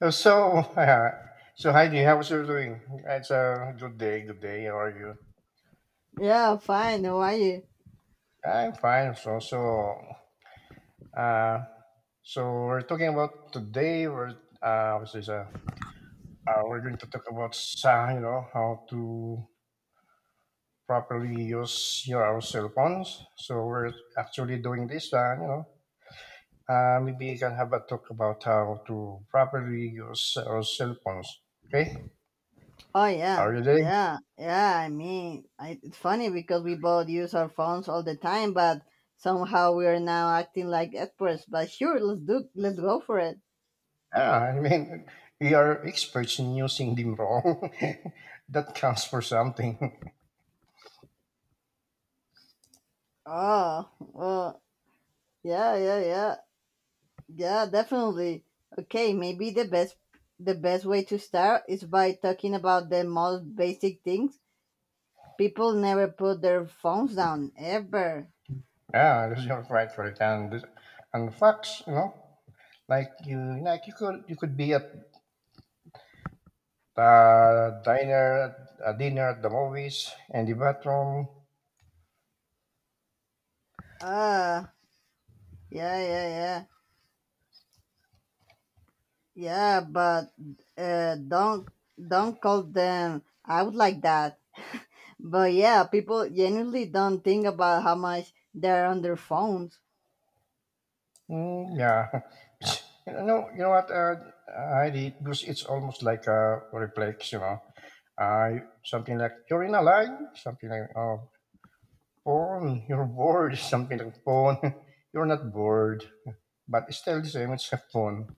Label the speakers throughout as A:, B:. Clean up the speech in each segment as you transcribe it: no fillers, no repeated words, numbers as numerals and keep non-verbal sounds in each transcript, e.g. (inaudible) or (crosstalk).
A: Uh, So, (laughs) so Heidi, how's you doing? It's a good day. Good day. How are you?
B: Yeah, fine. How are you?
A: I'm fine. Uh, so we're talking about today. We're we're going to talk about you know how to properly use your our cell phones. So we're actually doing this. Maybe you can have a talk about how to properly use our cell phones. Okay,
B: Oh
A: how
B: yeah,
A: are you doing?
B: yeah, yeah. I mean, it's funny because we both use our phones all the time, but somehow we are now acting like experts. But sure, let's go for it.
A: Yeah, I mean, we are experts in using them wrong. (laughs) that counts for something. (laughs)
B: Oh, well, yeah, yeah, yeah, yeah, definitely. Okay, maybe the best way to start is by talking about the most basic things. People never put their phones down ever.
A: Yeah, that's your right for it. And facts, you know, like you could be at a diner, a dinner at the movies, and the bathroom.
B: Ah, yeah, yeah, yeah. Yeah, but uh, don't don't call them I would like that. But yeah, people genuinely don't think about how much they're on their phones. (laughs)
A: Mm, yeah, (laughs) you know what? I did because it's almost like a reflex, you know. I something like you're in a line, something like oh, phone, you're bored, (laughs) something like phone. (laughs) You're not bored, but it's still the same. It's a phone.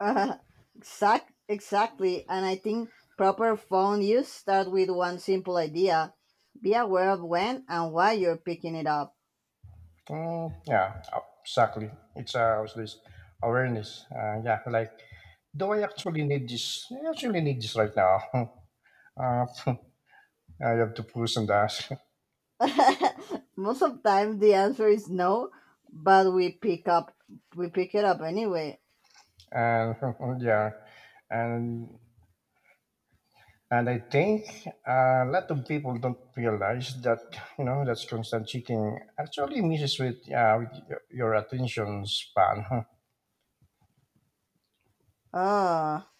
B: Uh, exactly. And I think proper phone use start with one simple idea: be aware of when and why you're picking it up.
A: Mm, yeah, uh, exactly. It's what's this awareness. Yeah, like do I actually need this? I actually need this right now. (laughs) Uh, (laughs) I have to push on that,
B: (laughs) Most of the time, the answer is no, but we pick it up anyway.
A: (laughs) and (laughs) yeah, and and I think a lot of people don't realize that you know that's constant checking actually messes with your attention span. (laughs)
B: Ah,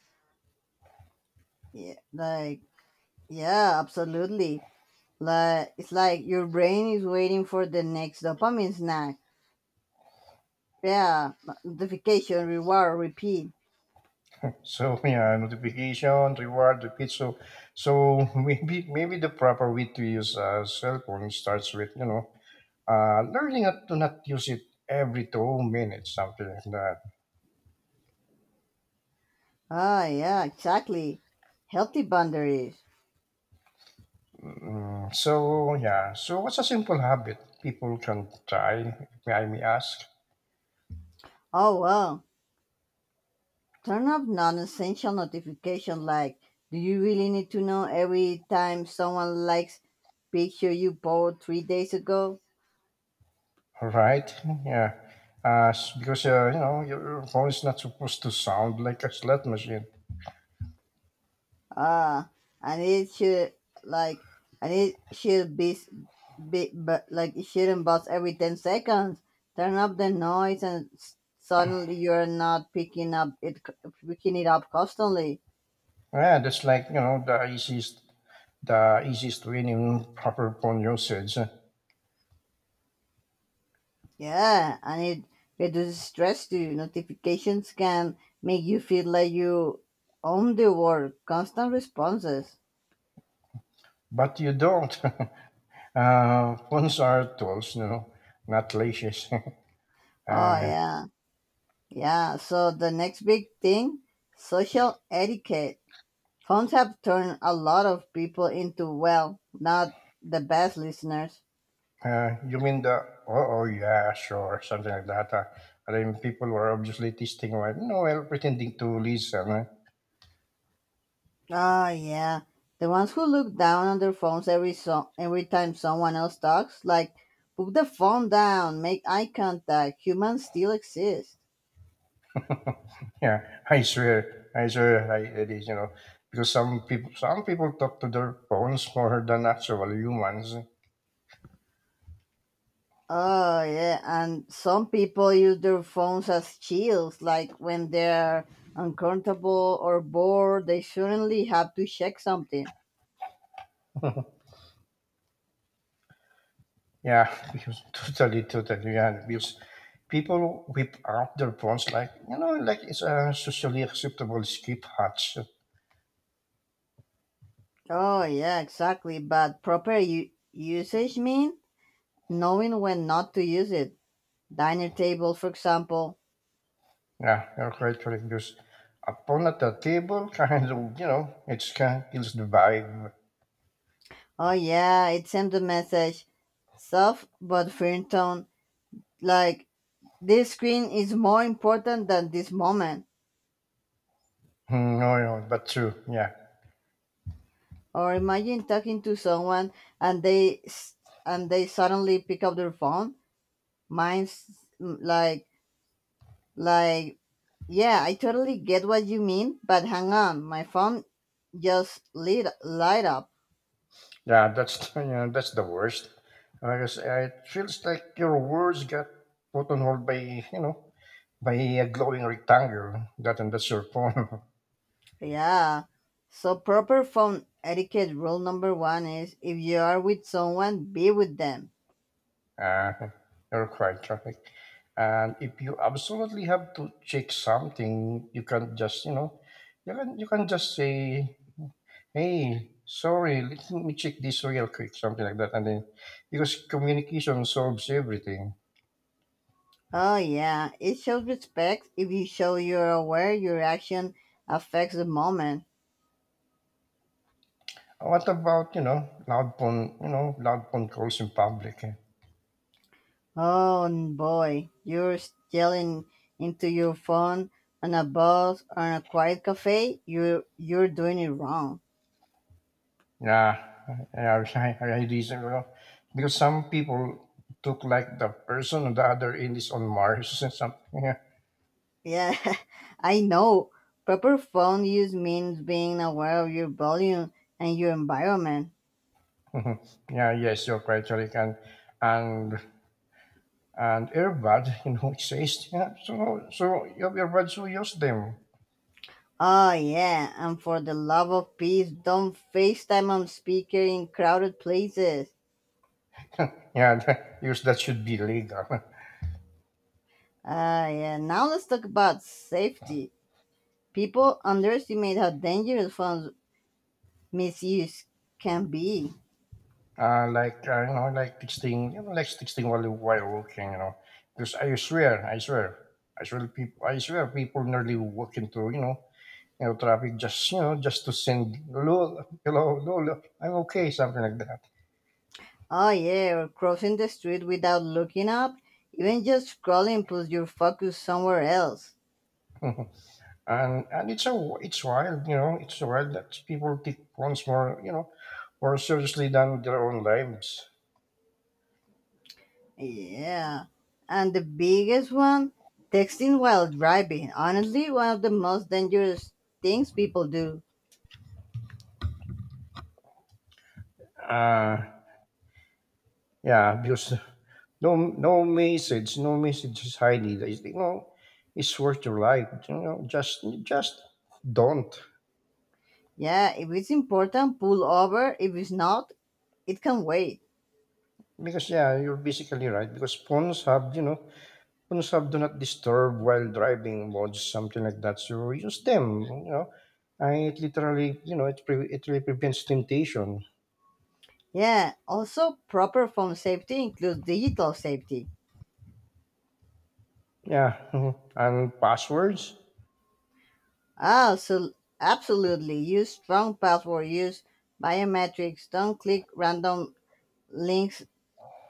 B: yeah, like yeah, absolutely. Like it's like your brain is waiting for the next dopamine snack. Yeah, notification, reward, repeat.
A: So (laughs) yeah, notification, reward, repeat. So so (laughs) maybe the proper way to use a cell phone starts with learning not to not use it every 2 minutes, something like that.
B: Ah, yeah, exactly. Healthy boundaries.
A: Mm, so yeah, so what's a simple habit people can try? May I may ask?
B: Oh well, turn off non-essential notification. Like, do you really need to know every time someone likes picture you bought 3 days ago?
A: Right? Yeah. Because you know your phone is not supposed to sound like a slot machine.
B: Ah, and it should like and it should be, s- be but like it shouldn't buzz every 10 seconds. Turn up the noise, and suddenly you're not picking it up constantly.
A: Yeah, that's like you know the easiest way in proper phone usage.
B: Yeah, and it reduces stress too. Notifications can make you feel like you own the world. Constant responses.
A: But you don't. (laughs) Phones are tools, no, not leashes. (laughs)
B: Oh
A: uh,
B: yeah, yeah. So the next big thing, social etiquette. Phones have turned a lot of people into, well, not the best listeners.
A: you mean the, oh, oh, yeah, sure, something like that. I mean, people were obviously testing, well, no, well, pretending to listen.
B: Oh yeah. The ones who look down on their phones every time someone else talks, like, put the phone down, make eye contact, humans still exist.
A: Yeah, I swear, it is, you know, because some people talk to their phones more than actual humans.
B: Oh, yeah, and some people use their phones as shields, like when they're uncomfortable or bored, they suddenly have to check something.
A: Yeah, (laughs) because totally, totally. Yeah, because people whip out their phones like you know, like it's a socially acceptable skip hatch.
B: Oh, yeah, exactly, but proper usage means knowing when not to use it. Diner table, for example.
A: Yeah, you're quite correct. Because a phone at the table (laughs) kind of you know, it's kind of kills the vibe.
B: Oh yeah, it sent a message, soft but firm tone, like this screen is more important than this moment.
A: No, no, but true. Yeah,
B: Or imagine talking to someone and they s- and they suddenly pick up their phone. Mine's mm, like like yeah, I totally get what you mean, but hang on, my phone just lit light up.
A: yeah, that's (laughs) yeah, that's the worst. Because it feels like your words got put on hold by you know by a glowing rectangle that and that's your phone. (laughs)
B: Yeah. So proper phone etiquette rule number one is if you are with someone, be with them.
A: Uh, you're quite right. And if you absolutely have to check something, you can just you know, you can just say, "Hey, sorry, let me check this real quick," something like that, and then because communication solves everything.
B: Oh yeah, it shows respect if you show you're aware your action affects the moment.
A: What about you know loud phone calls in public? Eh?
B: Oh and boy, you're still in into your phone on a bus or in a quiet cafe, you're doing it wrong.
A: Yeah, I, (laughs) I reason well, because some people took like the person on the other end is on Mars and something. (laughs)
B: Yeah, (laughs) I know. Proper phone use means being aware of your volume and your environment.
A: Mhm. Yeah, yes, you're quite right. And and earbud, (laughs) you know, it says yeah, so so you have earbuds who use them.
B: Oh yeah, and for the love of peace, don't FaceTime on speaker in crowded places.
A: Yeah, (laughs) use that should be legal. (laughs)
B: Ah yeah, now let's talk about safety. People underestimate how dangerous phone misuse can be.
A: Like you know, like texting, you know, like texting while walking, you know, because I swear, people nearly walk into you know, traffic just you know, just to send hello, hello, hello, hello, I'm okay, something like that.
B: Oh yeah, or crossing the street without looking up, even just scrolling puts your focus somewhere else.
A: (laughs) And it's a it's wild, you know, it's wild that people take phones more, you know, more seriously than their own lives.
B: Yeah, and the biggest one, texting while driving. Honestly, one of the most dangerous things people do.
A: Uh yeah, because no message is hiding. It's, you know, it's worth your life. You know, just don't
B: Yeah, if it's important, pull over. If it's not, it can wait.
A: because yeah, you're basically right because phones have you know phones have do not disturb while driving modes something like that. So use them, you know. And it literally, you know, it really prevents temptation.
B: Yeah, also proper phone safety includes digital safety.
A: Yeah, mhm, and passwords.
B: Ah, so absolutely. Use strong password, use biometrics, don't click random links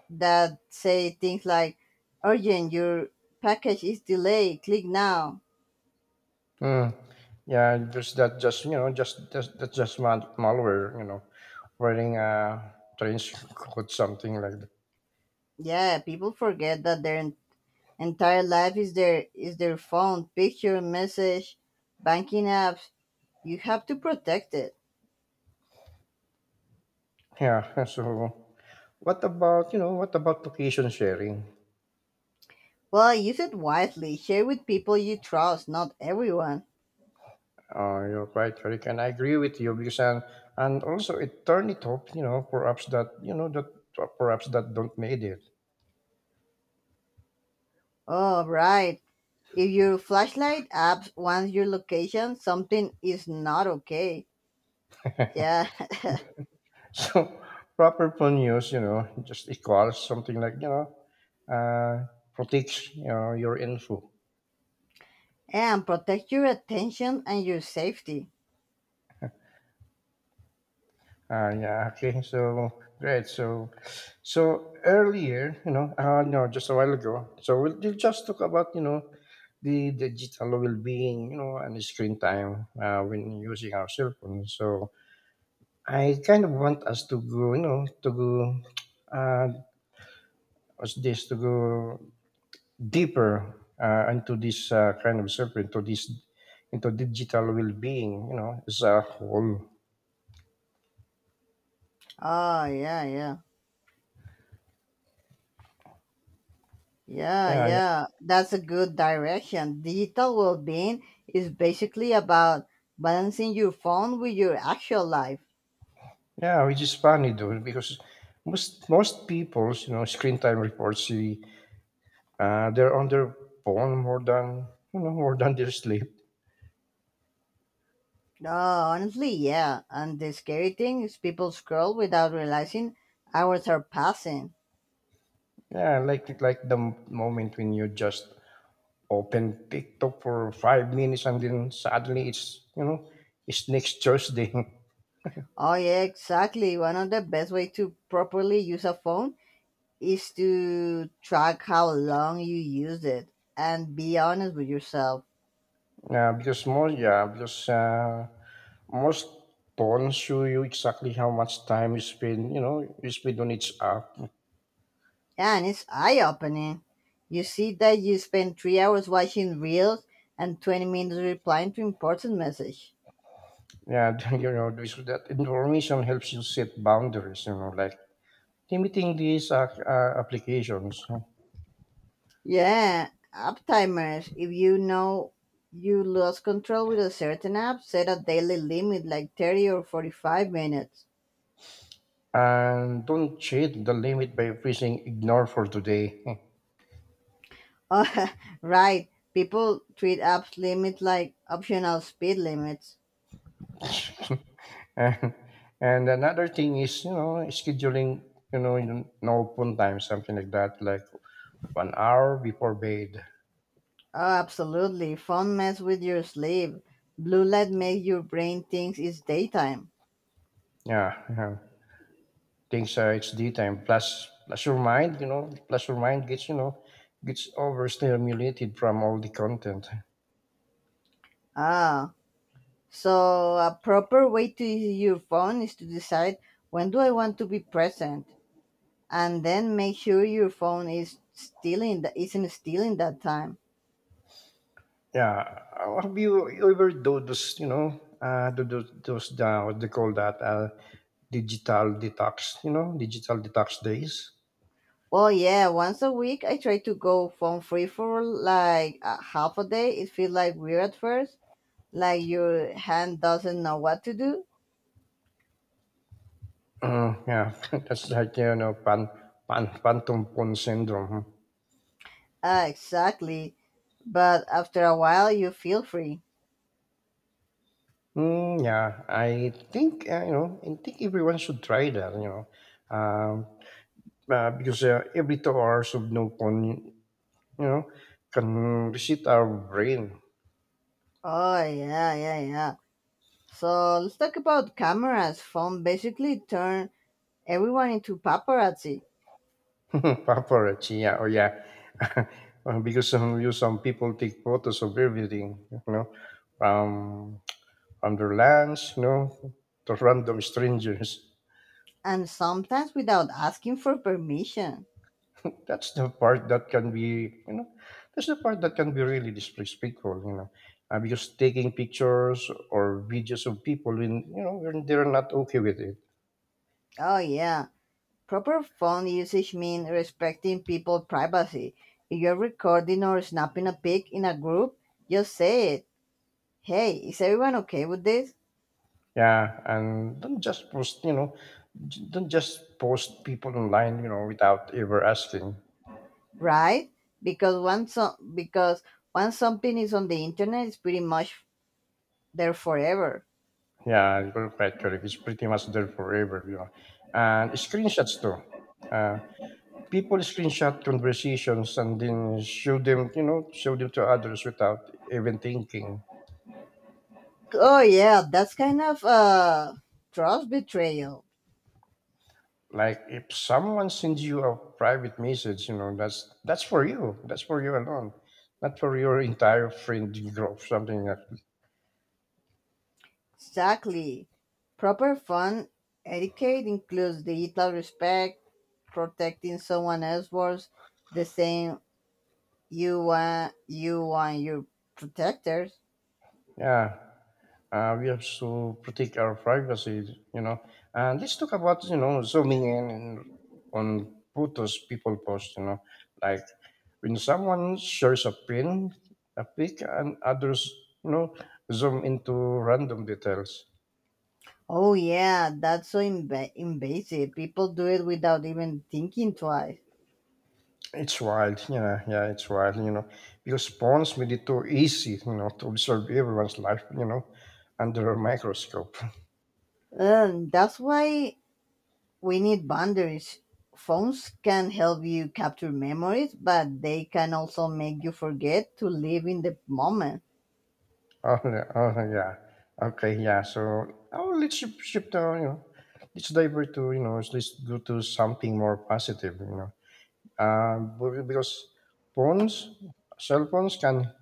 B: that say things like urgent, your package is delayed, click now.
A: Mm. Yeah, just that, just you know, just that's that's just malware. You know, running a trench code, something like that.
B: Yeah, people forget that their entire life is their phone, picture, message, banking apps. You have to protect it.
A: Yeah. (laughs) So, what about you know, what about location sharing?
B: Well, use it wisely. Share with people you trust, not everyone.
A: You're quite correct, and I agree with you because and also it turned it up. You know, perhaps that you know that perhaps that don't made it.
B: Oh, right. If your flashlight app wants your location, something is not okay. Yeah. (laughs)
A: (laughs) So proper phone use, you know, just equals something like you know, uh, protects you know your info.
B: And protect your attention and your safety.
A: Yeah. Okay. So great. So, so earlier, you know, no, just a while ago. So we'll just talk about you know the digital well-being, you know, and screen time when using our cell phones. So I kind of want us to go, you know, to go. Uh, what's this? To go deeper into this into digital well-being. You know, as a whole.
B: Oh, yeah, yeah. Yeah,
A: Yeah, yeah.
B: yeah. That's a good direction. Digital well being is basically about balancing your phone with your actual life.
A: Yeah, which is funny though, because most people's you know screen time reports see they're on their phone more than you know more than their sleep.
B: Honestly, yeah. And the scary thing is people scroll without realizing hours are passing.
A: Yeah, like moment when you just open TikTok for 5 minutes and then suddenly it's you know it's next Thursday. (laughs)
B: Oh yeah, exactly. One of the best way to properly use a phone is to track how long you used it and be honest with yourself.
A: Yeah because most phones show you exactly how much time you spend you know you spend on each app.
B: And it's eye-opening. You see that you spend 3 hours watching reels and 20 minutes replying to important message.
A: Yeah, (laughs) you know, this, that information helps you set boundaries, you know, like limiting these applications. Huh?
B: Yeah, app timers. If you know you lost control with a certain app, set a daily limit like 30 or 45 minutes.
A: And don't cheat the limit by pressing ignore for today.
B: Oh, (laughs) right. People treat apps limit like optional speed limits.
A: (laughs) and, and another thing is, you know, scheduling, you know, you no open time, something like that, like 1 hour before bed.
B: Oh, absolutely. Phone mess with your sleep. Blue light makes your brain thinks it's daytime.
A: Yeah, yeah, things it's daytime. Plus your mind, you know, plus your mind gets, you know, gets overstimulated from all the content.
B: Ah, so a proper way to use your phone is to decide when do I want to be present. And then make sure your phone is isn't still in that time.
A: Yeah. Have you ever do those, you know, those what they call that, digital detox, you know, digital detox days?
B: Well, yeah, once a week I try to go phone free for like a half a day. It feels like weird at first, like your hand doesn't know what to do.
A: Mm, yeah. (laughs) That's like, you know, phantom pawn syndrome.
B: Ah, exactly. But after a while, you feel free.
A: Mm, yeah. I think, you know, I think everyone should try that, you know, Um because every 2 hours of no phone, you know, can reset our brain.
B: Oh yeah, yeah, yeah. So let's talk about cameras. Phone basically turn everyone into paparazzi,
A: (laughs) Paparazzi, yeah, oh yeah, (laughs) because some people take photos of everything, you know, from from their lands, you know, to random strangers.
B: and sometimes without asking for permission.
A: That's the part that can be, you know, that's the part that can be really disrespectful, you know, because taking pictures or videos of people when you know when they're not okay with it.
B: Oh yeah. Proper phone usage means respecting people's privacy. If you're recording or snapping a pic in a group, just say it. Hey, is everyone okay with this?
A: Yeah, and don't just post, you know, don't just post people online, you know, without ever asking.
B: Right? Because once something is on the internet, it's pretty much there forever.
A: Yeah, it's perpetually. It's pretty much there forever, you know. And screenshots too. Uh, People screenshot conversations and then show them, you know, show them to others without even thinking.
B: Oh yeah, that's kind of trust betrayal.
A: Like if someone sends you a private message, you know, that's for you. That's for you alone, not for your entire friend group. Something like, that.
B: Exactly. Proper fun etiquette includes digital respect, protecting someone else's words, the same. You want your protectors.
A: Yeah. We have to protect our privacy, you know. And let's talk about, you know, zooming in and on photos people post, you know. Like when someone shares a pin, a pic, and others, you know, zoom into random details.
B: Oh yeah, that's so invasive. People do it without even thinking twice.
A: It's wild, yeah, yeah, it's wild, you know, because phones made it too easy, you know, to observe everyone's life, you know, under a microscope.
B: That's why we need boundaries. Phones can help you capture memories, but they can also make you forget to live in the moment.
A: Oh, yeah. Oh, yeah. Okay, yeah. So, oh, shift you know, let's divert to, you know, let's go to something more positive, you know. Because phones, cell phones can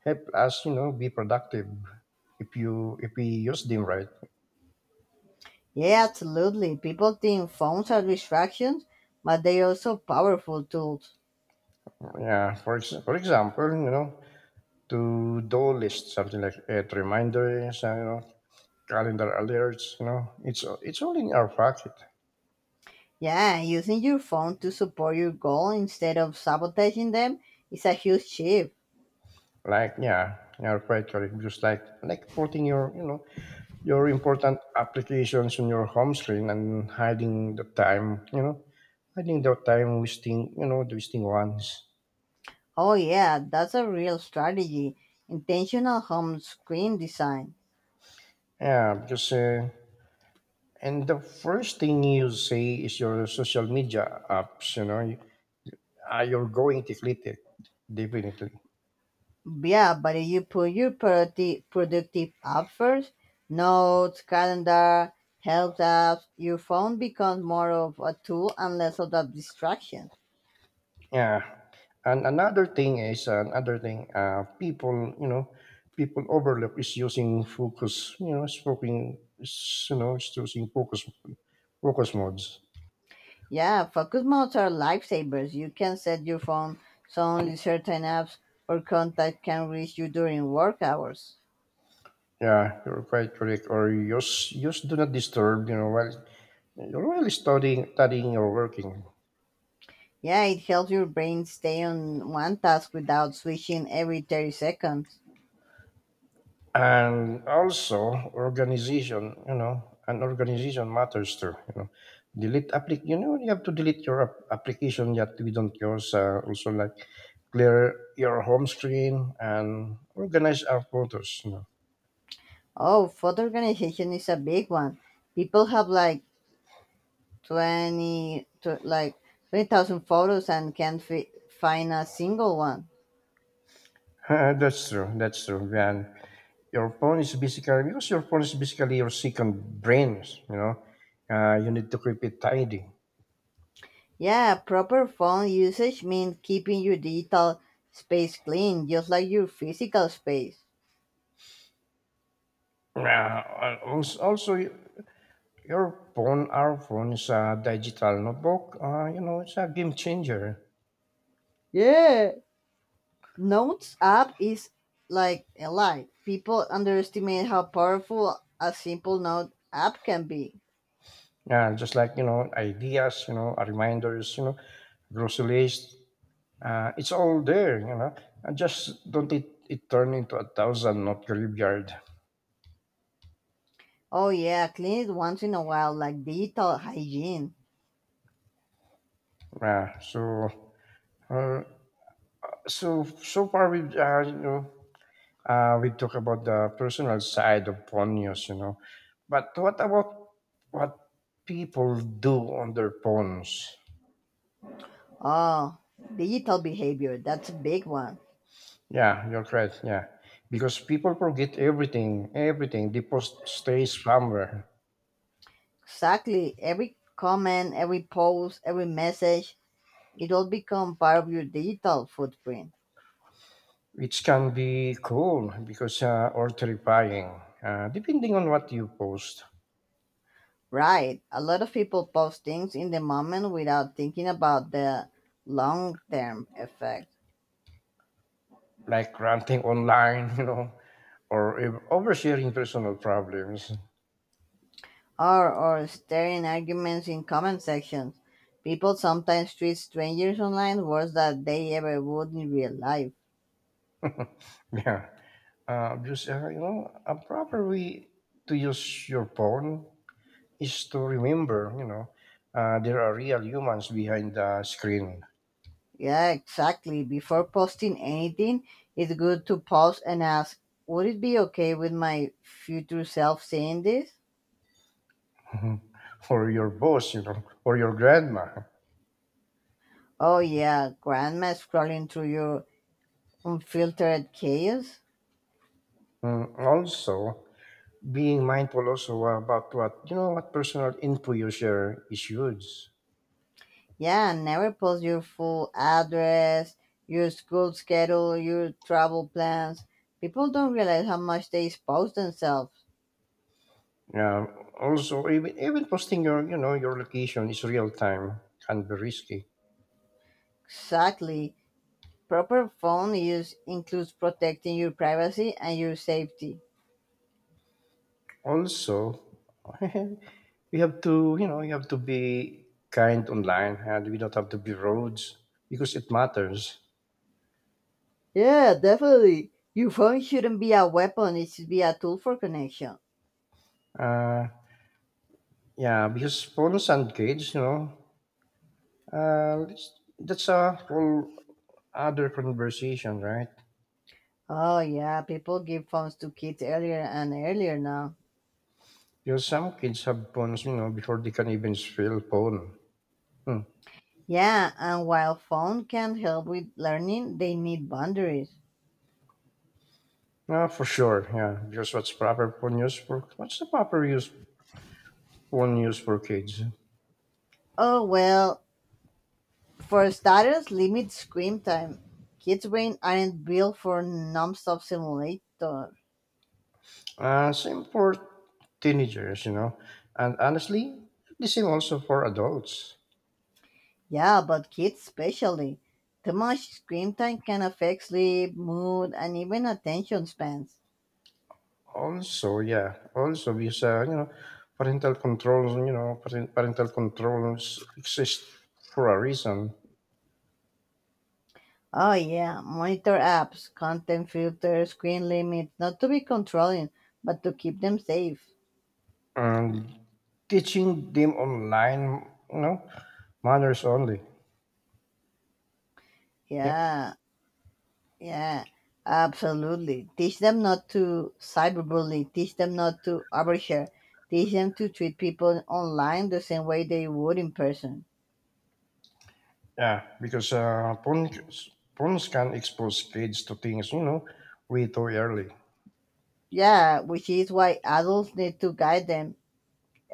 A: help us, you know, be productive if you, if we use them right.
B: Yeah, absolutely. People think phones are distractions, but they are also powerful tools.
A: Yeah. For example, you know, to do list, something like it, reminders, you know, calendar alerts, you know, it's all in our pocket.
B: Yeah, using your phone to support your goal instead of sabotaging them is a huge shift.
A: Like yeah yeah quite correct just like putting your you know your important applications on your home screen and hiding the time you know hiding the time wasting you know the wasting ones.
B: Oh, yeah, that's a real strategy. Intentional home screen design.
A: Yeah because and the first thing you say is your social media apps you know you, you're going to click it definitely.
B: Yeah, but if you put your productive app first, notes, calendar, help apps, your phone becomes more of a tool and less of a distraction.
A: Yeah. And another thing is another thing. People, you know, people overlook is using focus. You know, spoken. Is, you know, is using focus focus modes.
B: Yeah, focus modes are lifesavers. You can set your phone so only certain apps or contact can reach you during work hours.
A: Yeah, you're quite correct. Or use do not disturb. You know, while you're really studying, studying or working.
B: Yeah, it helps your brain stay on one task without switching every 30 seconds.
A: And also organization, you know, and organization matters too. You know, you have to delete your application that we don't use. Also, like, clear your home screen and organize our photos, you know. (laughs)
B: Oh, food organization is a big one. People have like 20, to, like 20,000 photos and can't fi- find a single one.
A: That's true, that's true. And your phone is basically Because your phone is basically your second brain, you know. You need to keep it tidy.
B: Yeah, proper phone usage means keeping your digital space clean, just like your physical space.
A: Uh, also, also our phone is a digital notebook. You know, it's a game changer.
B: Yeah. Notes app is like a lie. People underestimate how powerful a simple note app can be.
A: Yeah, just like, you know, ideas, you know, reminders, you know, grocery list. It's all there, you know. And just don't it, it turn into a thousand not graveyard.
B: Oh yeah, clean it once in a while, like digital hygiene.
A: Yeah. Uh, so far we you know we talk about the personal side of phone use, you know. But what about what people do on their phones?
B: Oh, digital behavior. That's a big one.
A: Yeah, your threats. Yeah, because people forget everything. Everything the post stays somewhere,
B: Exactly. Every comment, every post, every message, it all become part of your digital footprint.
A: which can be cool because or terrifying, depending on what you post.
B: Right. A lot of people post things in the moment without thinking about the long term effect.
A: Like ranting online, (laughs) you know, or oversharing personal problems.
B: Or staring arguments in comment sections. People sometimes treat strangers online worse than they ever would in real life.
A: (laughs) Yeah, because you know, a proper way to use your phone is to remember, you know, there are real humans behind the screen.
B: Yeah, exactly. Before posting anything, it's good to pause and ask, would it be okay with my future self seeing this?
A: Or your boss, you know, or your grandma.
B: Oh, yeah, grandma scrolling through your unfiltered chaos?
A: Mm, also, being mindful also about what personal info you share is huge.
B: Yeah, and never post your full address, your school schedule, your travel plans. People don't realize how much they expose themselves.
A: Um, Also, even posting your you know your location is real time can be risky.
B: Exactly. Proper phone use includes protecting your privacy and your safety.
A: Also, (laughs) we have to you know you have to be kind online, and we don't have to be rude because it matters.
B: Yeah, definitely. Your phone shouldn't be a weapon, it should be a tool for connection.
A: Uh, yeah, because phones and kids, you know, Uh, that's, that's a whole other conversation, right?
B: Oh, yeah, people give phones to kids earlier and earlier now.
A: Because some kids have phones, you know, before they can even spell phone. Hmm.
B: Yeah, and while phone can help with learning, they need boundaries.
A: Ah, for sure, yeah. Because what's proper phone use for? What's the proper use phone use for kids?
B: Oh, well, for starters, limit screen time. Kids' brain aren't built for non-stop simulator.
A: Same for teenagers, you know, and honestly, the same also for adults.
B: Yeah, but kids especially. Too much screen time can affect sleep, mood, and even attention spans.
A: Also, yeah, also because you know, parental controls, you know, parent- parental controls exist for a reason,
B: Oh yeah, monitor apps, content filters, screen limits, not to be controlling, but to keep them safe.
A: and teaching them online, you know, manners only. Yeah,
B: Yeah, yeah, absolutely. Teach them not to cyberbully, teach them not to overshare, teach them to treat people online the same way they would in person.
A: yeah, because phones can expose kids to things, you know, way too early.
B: Yeah, which is why adults need to guide them.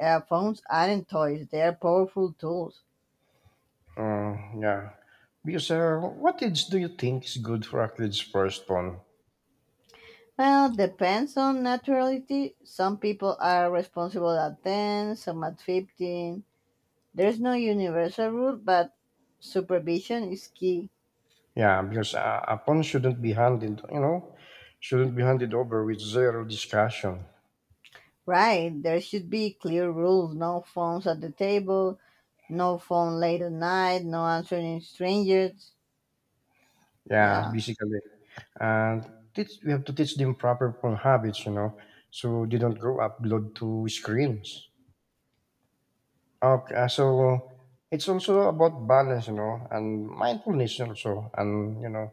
B: Phones aren't toys, they are powerful tools.
A: Yeah, because What age do you think is good for a kid's first phone?
B: Well, depends on naturality. Some people are responsible at 10, some at 15. There's no universal rule, but supervision is key.
A: Yeah, because a phone shouldn't be handed, you know, shouldn't be handed over with zero discussion.
B: Right, there should be clear rules no phones at the table, no phone late at night, no answering strangers.
A: Yeah,
B: Yeah,
A: basically, and we have to teach them proper phone habits, you know, so they don't grow up glued to screens. Okay, so it's also about balance, you know, and mindfulness also, and you know,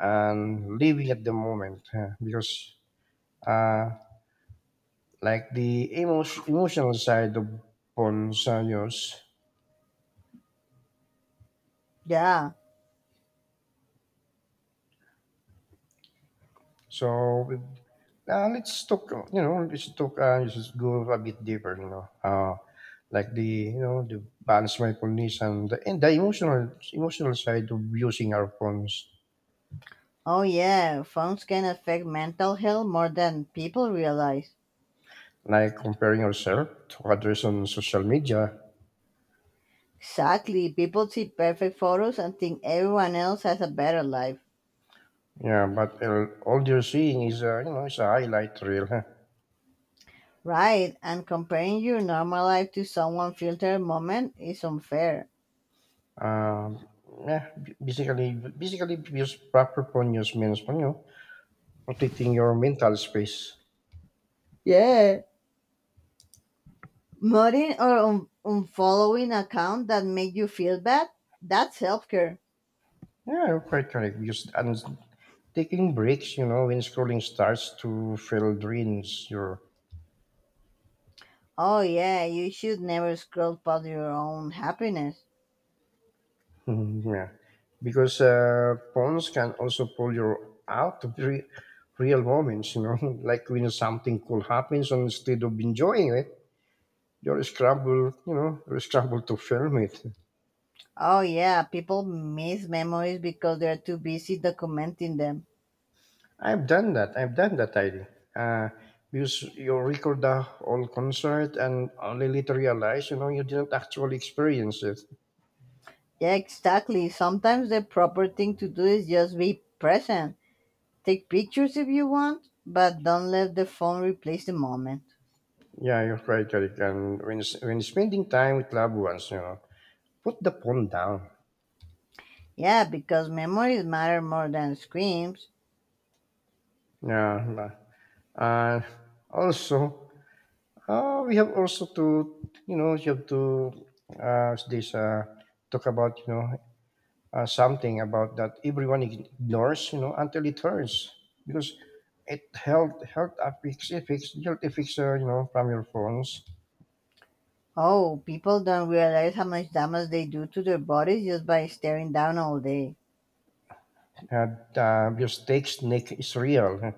A: and living at the moment, huh? Because, uh, like the emotional side of Ponzanios.
B: yeah.
A: So, let's talk, let's just go a bit deeper, like the, you know, the balance, mindfulness, and and the emotional side of using our phones,
B: Oh, yeah, phones can affect mental health more than people realize.
A: like comparing ourselves to others on social media.
B: Exactly, people see perfect photos and think everyone else has a better life.
A: Yeah, but all you're seeing is you know, it's a highlight reel, huh?
B: Right, and comparing your normal life to someone filtered moment is unfair.
A: Um, Basically, use proper ponyos means, you know, protecting your mental space.
B: Yeah. Muting or unfollowing account that make you feel bad, that's self-care.
A: Yeah, you're quite correct. Just and taking breaks, you know, when scrolling starts to feel drains your.
B: Oh yeah, you should never scroll past your own happiness.
A: (laughs) Yeah, because phones can also pull you out of real moments. You know, (laughs) like when something cool happens, instead of enjoying it, you'll scramble to film it.
B: Oh yeah, people miss memories because they're too busy documenting them.
A: I've done that, I uh, because you record the whole concert and only later realize, you know, you didn't actually experience it.
B: Yeah, exactly. Sometimes the proper thing to do is just be present. Take pictures if you want, but don't let the phone replace the moment.
A: Yeah, you're right, Eric. And when when spending time with loved ones, you know, put the phone down.
B: Yeah, because memories matter more than screams.
A: Yeah. Uh, also, we have also to, you know, You have to, uh, this, uh, talk about, you know, something about that everyone ignores, you know, until it hurts because it helped affix guilt fixer, you know, from your phones.
B: Oh, people don't realize how much damage they do to their bodies just by staring down all day.
A: And your stake snake is real.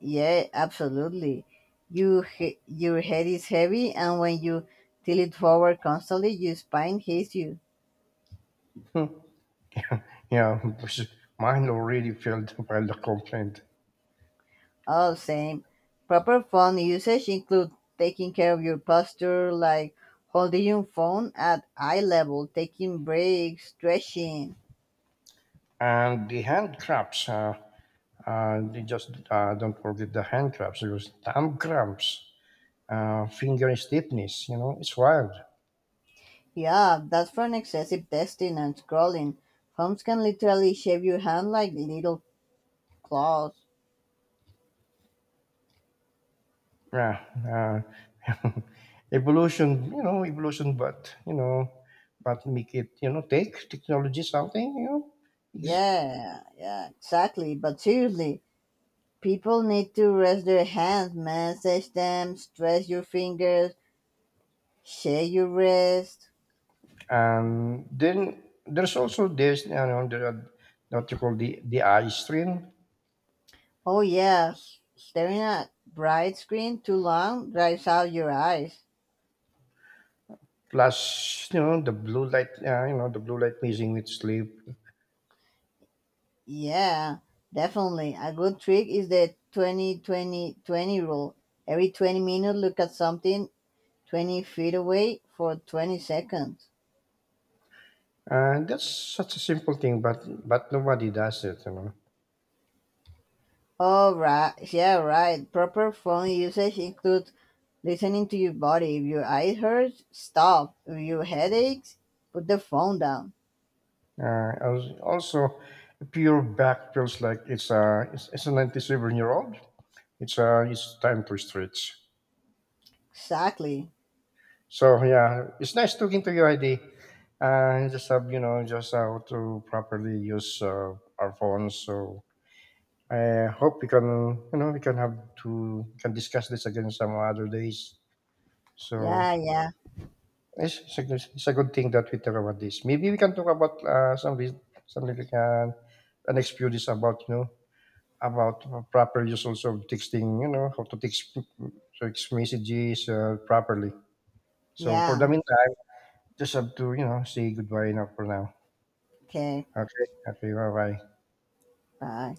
B: Yeah, absolutely. Your head is heavy, and when you tilt it forward constantly, your spine hits you.
A: (laughs) Yeah, because mine already failed to file (laughs) the complaint.
B: All same. Proper phone usage includes taking care of your posture, like holding your phone at eye level, taking breaks, stretching.
A: And the hand cramps, they just don't forget the hand cramps. It was thumb cramps, finger stiffness. You know, it's wild.
B: Yeah, that's from excessive testing and scrolling. Phones can literally shave your hand like little claws.
A: Yeah, uh, (laughs) evolution, you know, evolution, but, you know, but make it, you know, take technology something, you know. Ex-
B: Yeah, yeah, exactly. But seriously, people need to rest their hands, massage them, stretch your fingers, shake your wrist.
A: and then there's also this, you know, what you call the eye strain,
B: Oh, yeah, staring at bright screen too long drives out your eyes.
A: plus, you know, the blue light mixing with sleep,
B: Yeah, definitely. A good trick is the 20-20-20 rule. Every 20 minutes, look at something 20 feet away for 20 seconds.
A: and that's such a simple thing, but nobody does it, you know.
B: Oh, right. Yeah, right. Proper phone usage includes listening to your body. If your eye hurts, stop. If your head aches, put the phone down.
A: Also, pure back feels like it's a 97-year old. It's time to stretch.
B: Exactly.
A: So yeah, it's nice talking to you, ID. Just have, you know, just how to properly use our phones. So I hope we can, you know, we can have to can discuss this again some other days. So
B: Yeah, yeah,
A: it's a good thing that we talk about this. Maybe we can talk about something like the next few days, about, you know, about proper use also of texting. You know how to text messages properly. So for the
B: yeah.
A: meantime, just have to, you know, say goodbye now for now.
B: Okay,
A: Okay, okay, bye bye.
B: bye.